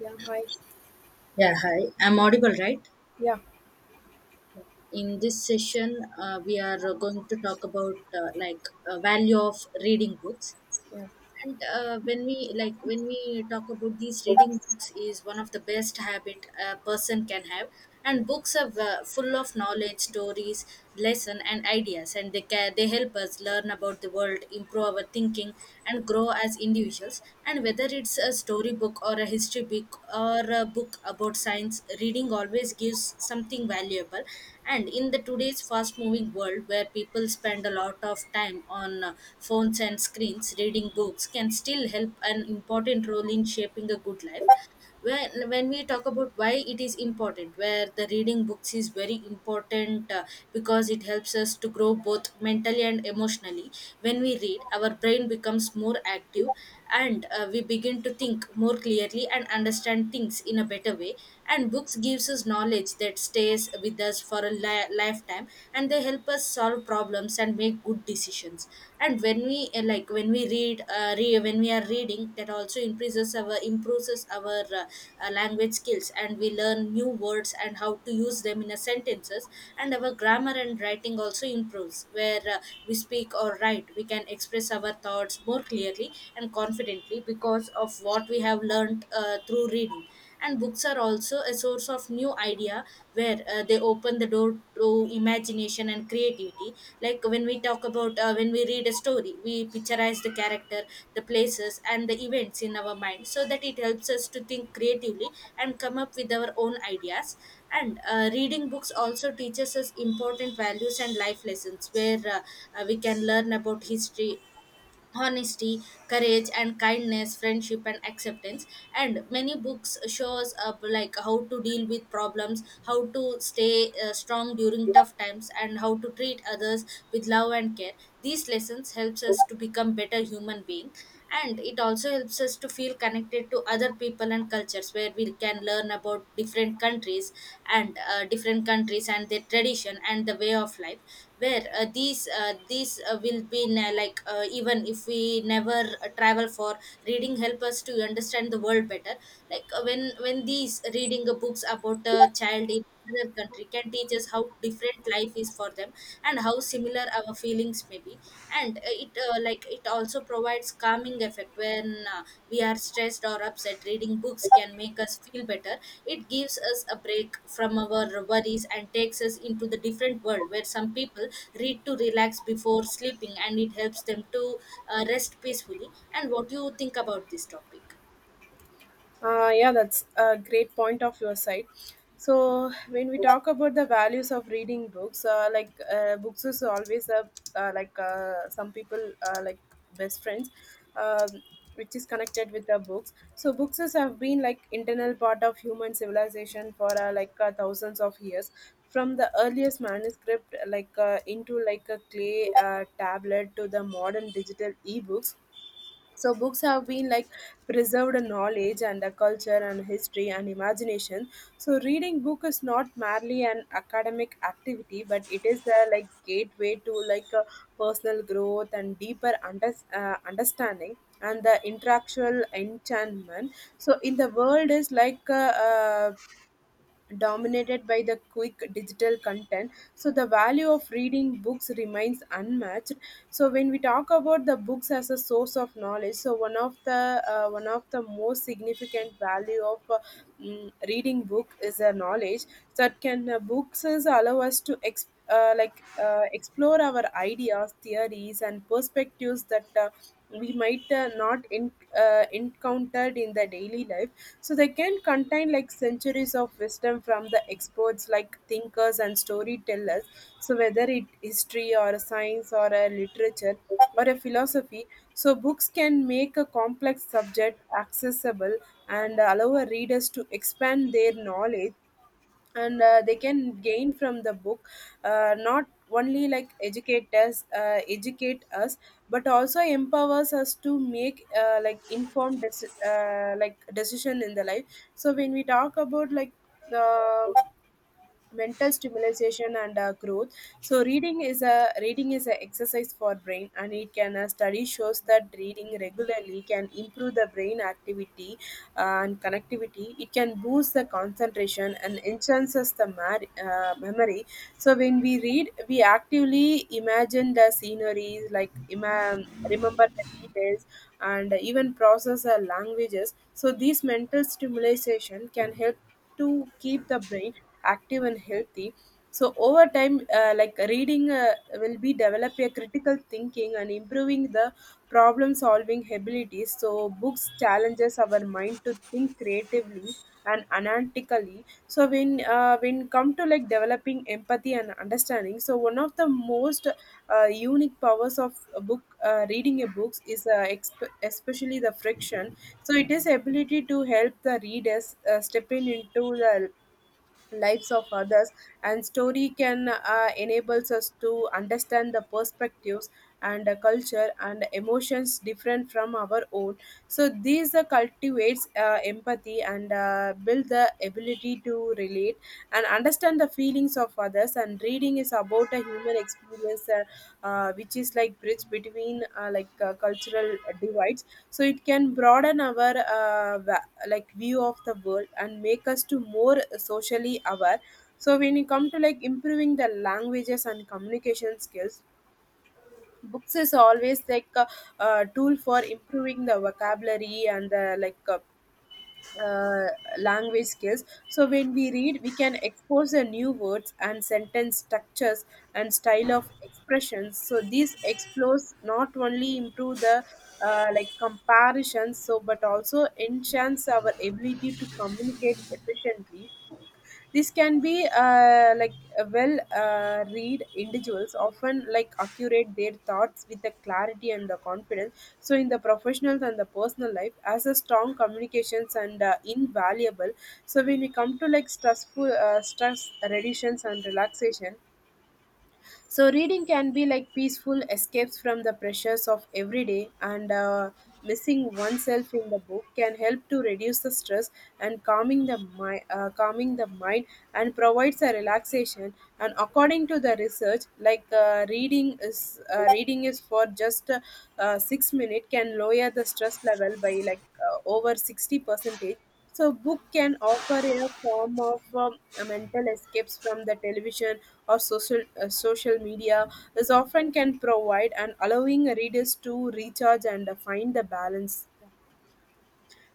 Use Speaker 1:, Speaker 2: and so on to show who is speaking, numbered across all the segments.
Speaker 1: Yeah, hi.
Speaker 2: Yeah, hi. I'm audible, right?
Speaker 1: Yeah,
Speaker 2: In this session, we are going to talk about value of reading books.
Speaker 1: yeah.
Speaker 2: And when we when we talk about these reading books is one of the best habit a person can have, and books are full of knowledge, stories, lesson and ideas, and they help us learn about the world, improve our thinking and grow as individuals. And whether it's a story book or a history book or a book about science, reading always gives something valuable. And in the today's fast moving world where people spend a lot of time on phones and screens, reading books can still help an important role in shaping a good life. When we talk about why it is important, where the reading books is very important because it helps us to grow both mentally and emotionally. When we read, our brain becomes more active, and we begin to think more clearly and understand things in a better way. And books gives us knowledge, knowledge that stays with us for a lifetime, and they help us solve problems and make good decisions. And when we when we read when we are reading, that also increases our improves our language skills, and we learn new words and how to use them in a sentences. And our grammar and writing also improves, where we speak or write, we can express our thoughts more clearly and confidently because of what we have learned through reading. And books are also a source of new idea, where they open the door to imagination and creativity. Like when we talk about when we read a story, we picturize the character, the places and the events in our mind, so that it helps us to think creatively and come up with our own ideas. And reading books also teaches us important values and life lessons, where we can learn about history, honesty, courage and kindness, friendship and acceptance. And many books shows up like how to deal with problems, how to stay strong during tough times and how to treat others with love and care. These lessons helps us to become better human being, and it also helps us to feel connected to other people and cultures, where we can learn about different countries, and their tradition and the way of life. Where these will be na- like Even if we never travel, for reading help us to understand the world better. Like when these reading books about a child in another country can teach us how different life is for them and how similar our feelings may be. And it also provides calming effect. When we are stressed or upset, reading books can make us feel better. It gives us a break from our worries and takes us into the different world, where some people read to relax before sleeping, and it helps them to rest peacefully. And what do you think about this topic?
Speaker 1: Yeah, that's a great point of your side. So when we talk about the values of reading books, books is always a some people like best friends, um, which is connected with the books. So books is have been like internal part of human civilization for thousands of years. From the earliest manuscript, into like a clay tablet to the modern digital ebooks, so books have been like preserved knowledge and the culture and history and imagination. So reading book is not merely an academic activity, but it is a like gateway to like a personal growth and deeper understanding and the intellectual enchantment. So in the world is like dominated by the quick digital content, so the value of reading books remains unmatched. So when we talk about the books as a source of knowledge, so one of the most significant value of reading book is a knowledge that can books is allow us to explore our ideas, theories and perspectives that we might not in, encountered in the daily life. So they can contain like centuries of wisdom from the experts like thinkers and storytellers. So whether it history or a science or a literature or a philosophy, so books can make a complex subject accessible and allow readers to expand their knowledge and they can gain from the book, not only like educate us but also empowers us to make like informed like decision in the life. So when we talk about like uh, mental stimulation and growth, so reading is a exercise for brain and it can, study shows that reading regularly can improve the brain activity and connectivity, it can boost the concentration and enhances the memory. So when we read, we actively imagine the sceneries, like remember the details and even process our languages. So these mental stimulation can help to keep the brain active and healthy. So over time, reading will be develop a critical thinking and improving the problem solving abilities. So books challenges our mind to think creatively and analytically. So when come to like developing empathy and understanding, so one of the most unique powers of a book, reading a books is especially the friction, so it is ability to help the readers stepping into the lives of others, and story can enables us to understand the perspectives and culture and emotions different from our own. So these cultivates empathy and build the ability to relate and understand the feelings of others. And reading is about a human experience, which is like bridge between cultural divides, so it can broaden our view of the world and make us to more socially aware. So when you come to like improving the languages and communication skills, books is always like a tool for improving the vocabulary and the like uh, language skills. So when we read, we can expose the new words and sentence structures and style of expressions. So these explores not only improve the like comparisons, so but also enhance our ability to communicate efficiently. This can be like a read individuals often like accurate their thoughts with the clarity and the confidence. So in the professionals and the personal life, as a strong communications and invaluable. So when we come to like stress reductions and relaxation, so reading can be like peaceful escapes from the pressures of every day, and missing oneself in the book can help to reduce the stress and calming the calming the mind and provides a relaxation. And according to the research, reading is for just 6 minutes can lower the stress level by over 60 percentage. So book can offer a form of a mental escapes from the television or social media. This often can provide and allowing readers to recharge and find the balance.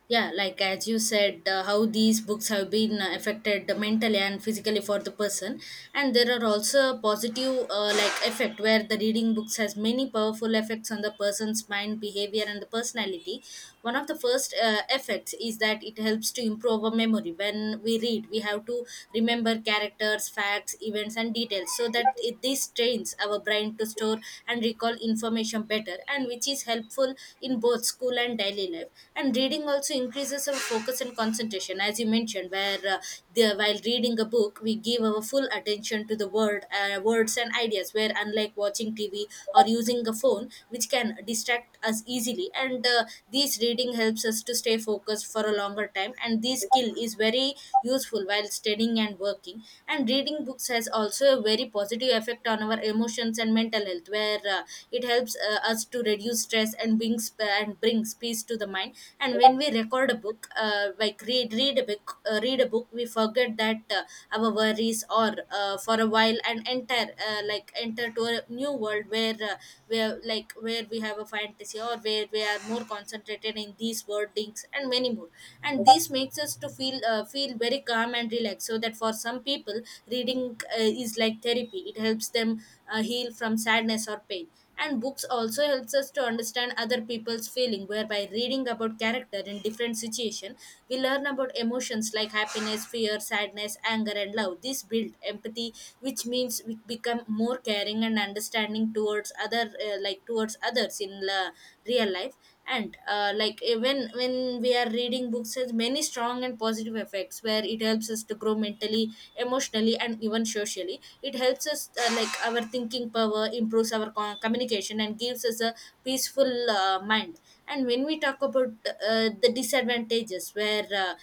Speaker 2: Yeah, like as you said, how these books have been affected mentally and physically for the person. And there are also positive effect, where the reading books has many powerful effects on the person's mind, behavior and the personality. One of the first effects is that it helps to improve our memory. When we read, we have to remember characters, facts, events and details, so that this trains our brain to store and recall information better, and which is helpful in both school and daily life. And reading also increases our focus and concentration, as you mentioned, where while reading a book we give our full attention to the words and ideas, where unlike watching TV or using a phone, which can distract us easily. And this reading helps us to stay focused for a longer time, and this skill is very useful while studying and working. And reading books has also a very positive effect on our emotions and mental health, where it helps us to reduce stress and brings peace to the mind. And when we record a book, like read read a book, we forget that our worries or for a while, and enter enter to a new world, where where we have a fantasy, or where we are more concentrated in these wordings and many more. And this makes us to feel feel very calm and relaxed, so that for some people reading is like therapy. It helps them heal from sadness or pain. And books also helps us to understand other people's feeling, whereby reading about character in different situation, we learn about emotions like happiness, fear, sadness, anger and love. This build empathy, which means we become more caring and understanding towards others in la real life. And when we are reading, books has many strong and positive effects, where it helps us to grow mentally, emotionally and even socially. It helps us our thinking power, improves our communication and gives us a peaceful mind. And when we talk about the disadvantages, where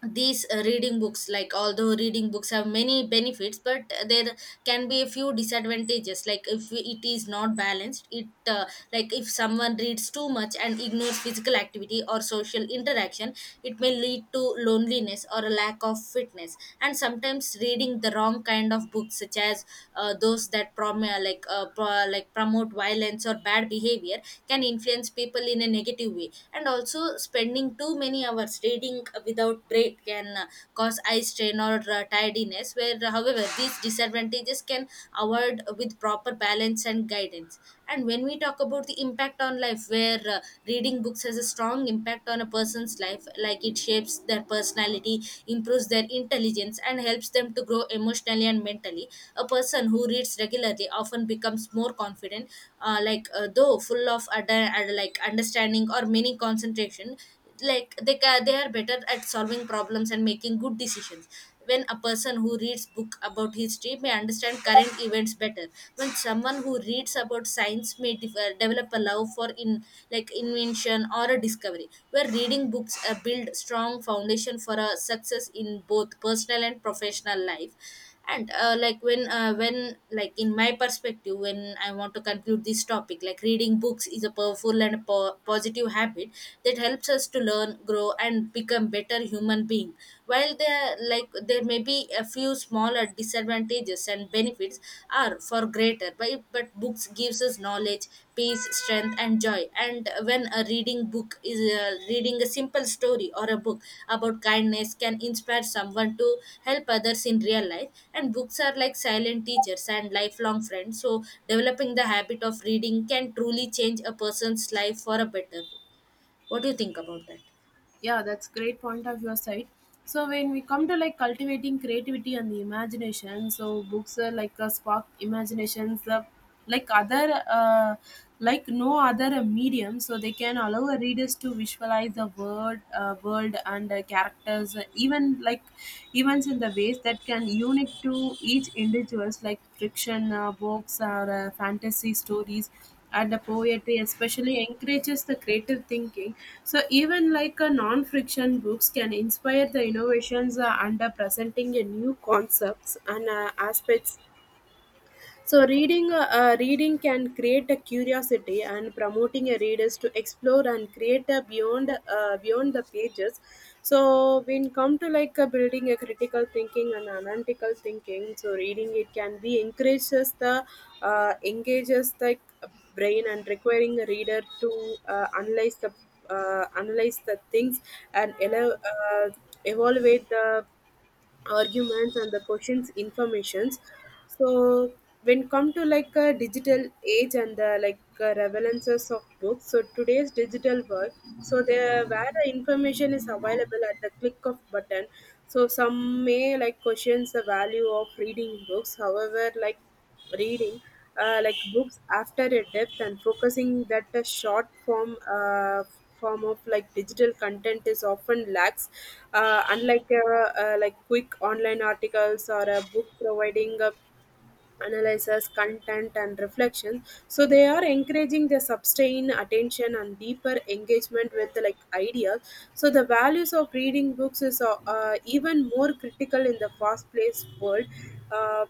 Speaker 2: these reading books like although reading books have many benefits, but there can be a few disadvantages. Like if it is not balanced, it like if someone reads too much and ignores physical activity or social interaction, it may lead to loneliness or a lack of fitness. And sometimes reading the wrong kind of books, such as those that prom- like pro- like promote violence or bad behavior, can influence people in a negative way. And also spending too many hours reading, eating without break can cause eye strain or tiredness. Where However, these disadvantages can avoid with proper balance and guidance. And when we talk about the impact on life, where reading books has a strong impact on a person's life. Like it shapes their personality, improves their intelligence and helps them to grow emotionally and mentally. A person who reads regularly often becomes more confident, though full of understanding or many concentration. Like they are better at solving problems and making good decisions. When a person who reads book about history may understand current events better. When someone who reads about science may develop a love for in like invention or a discovery. Where reading books build strong foundation for a success in both personal and professional life. And like when like in my perspective, when I want to conclude this topic, like reading books is a powerful and positive habit that helps us to learn, grow and become better human being. While there, like there may be a few smaller disadvantages, and benefits are for greater. But books gives us knowledge, peace, strength and joy. And when a reading book is reading a simple story or a book about kindness can inspire someone to help others in real life. And books are like silent teachers and lifelong friends, so developing the habit of reading can truly change a person's life for a better way. What do you think about that?
Speaker 1: Yeah, that's great point of your side. So when we come to like cultivating creativity and the imagination, so books are like a spark imaginations, like other uh, like no other medium, so they can allow a readers to visualize the word world and characters, even like events in the ways that can unique to each individuals, like friction books or fantasy stories and the poetry especially encourages the creative thinking. So even like a non-fiction books can inspire the innovations, under presenting a new concepts and aspects. So reading can create a curiosity and promoting a readers to explore and create a beyond the pages. So when come to like building a critical thinking and analytical thinking, so reading it can be encourages the engages the brain and requiring a reader to analyze the things and evaluate the arguments and the questions informations. So when come to like a digital age and the like revelances of books, so today's digital world, so there where the information is available at the click of button, so some may like questions the value of reading books. However, reading like books after a depth and focusing that a short form form of like digital content is often lacks, unlike like quick online articles or a book providing a analysis content and reflection, so they are encouraging the sustained attention and deeper engagement with the like ideas. So the values of reading books is even more critical in the fast paced world. Uh,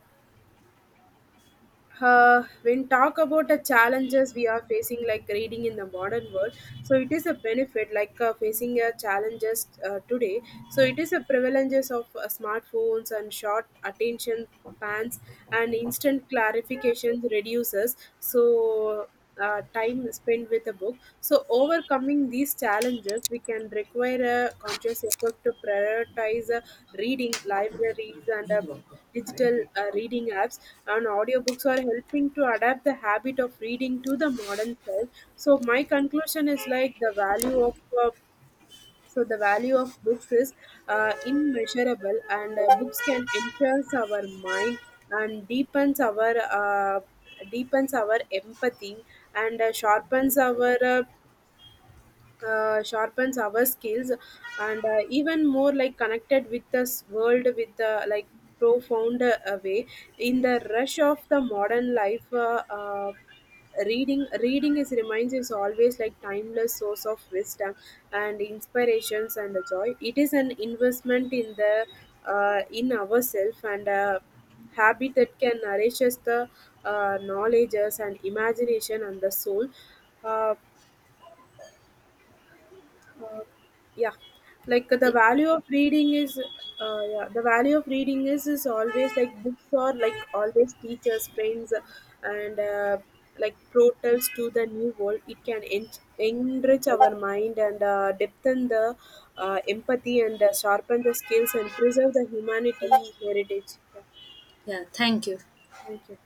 Speaker 1: when talk about the challenges we are facing like reading in the modern world, so it is a benefit like facing a challenges today. So it is a prevalences of smartphones and short attention spans and instant clarifications reduces, so time spent with a book. So overcoming these challenges, we can require a conscious effort to prioritize reading libraries and digital reading apps and audiobooks are helping to adapt the habit of reading to the modern self. So my conclusion is like the value of uh, so the value of books is immeasurable, and books can enhance our mind and deepens our empathy and sharpens our skills and even more like connected with this world with the like profound way in the rush of the modern life. Uh, uh, reading reading is reminds is always like timeless source of wisdom and inspirations and joy. It is an investment in the in ourselves and a habit that can nourishes the knowledges and imagination and the soul. Uh, uh, yeah like the
Speaker 2: Ye-
Speaker 1: value of reading is Yeah, the value of reading is always like books or like always teachers friends and like portals to the new world. It can enrich our mind and depthen the empathy and sharpen the skills and preserve the humanity heritage. Yeah.
Speaker 2: yeah, thank you.
Speaker 1: Thank you.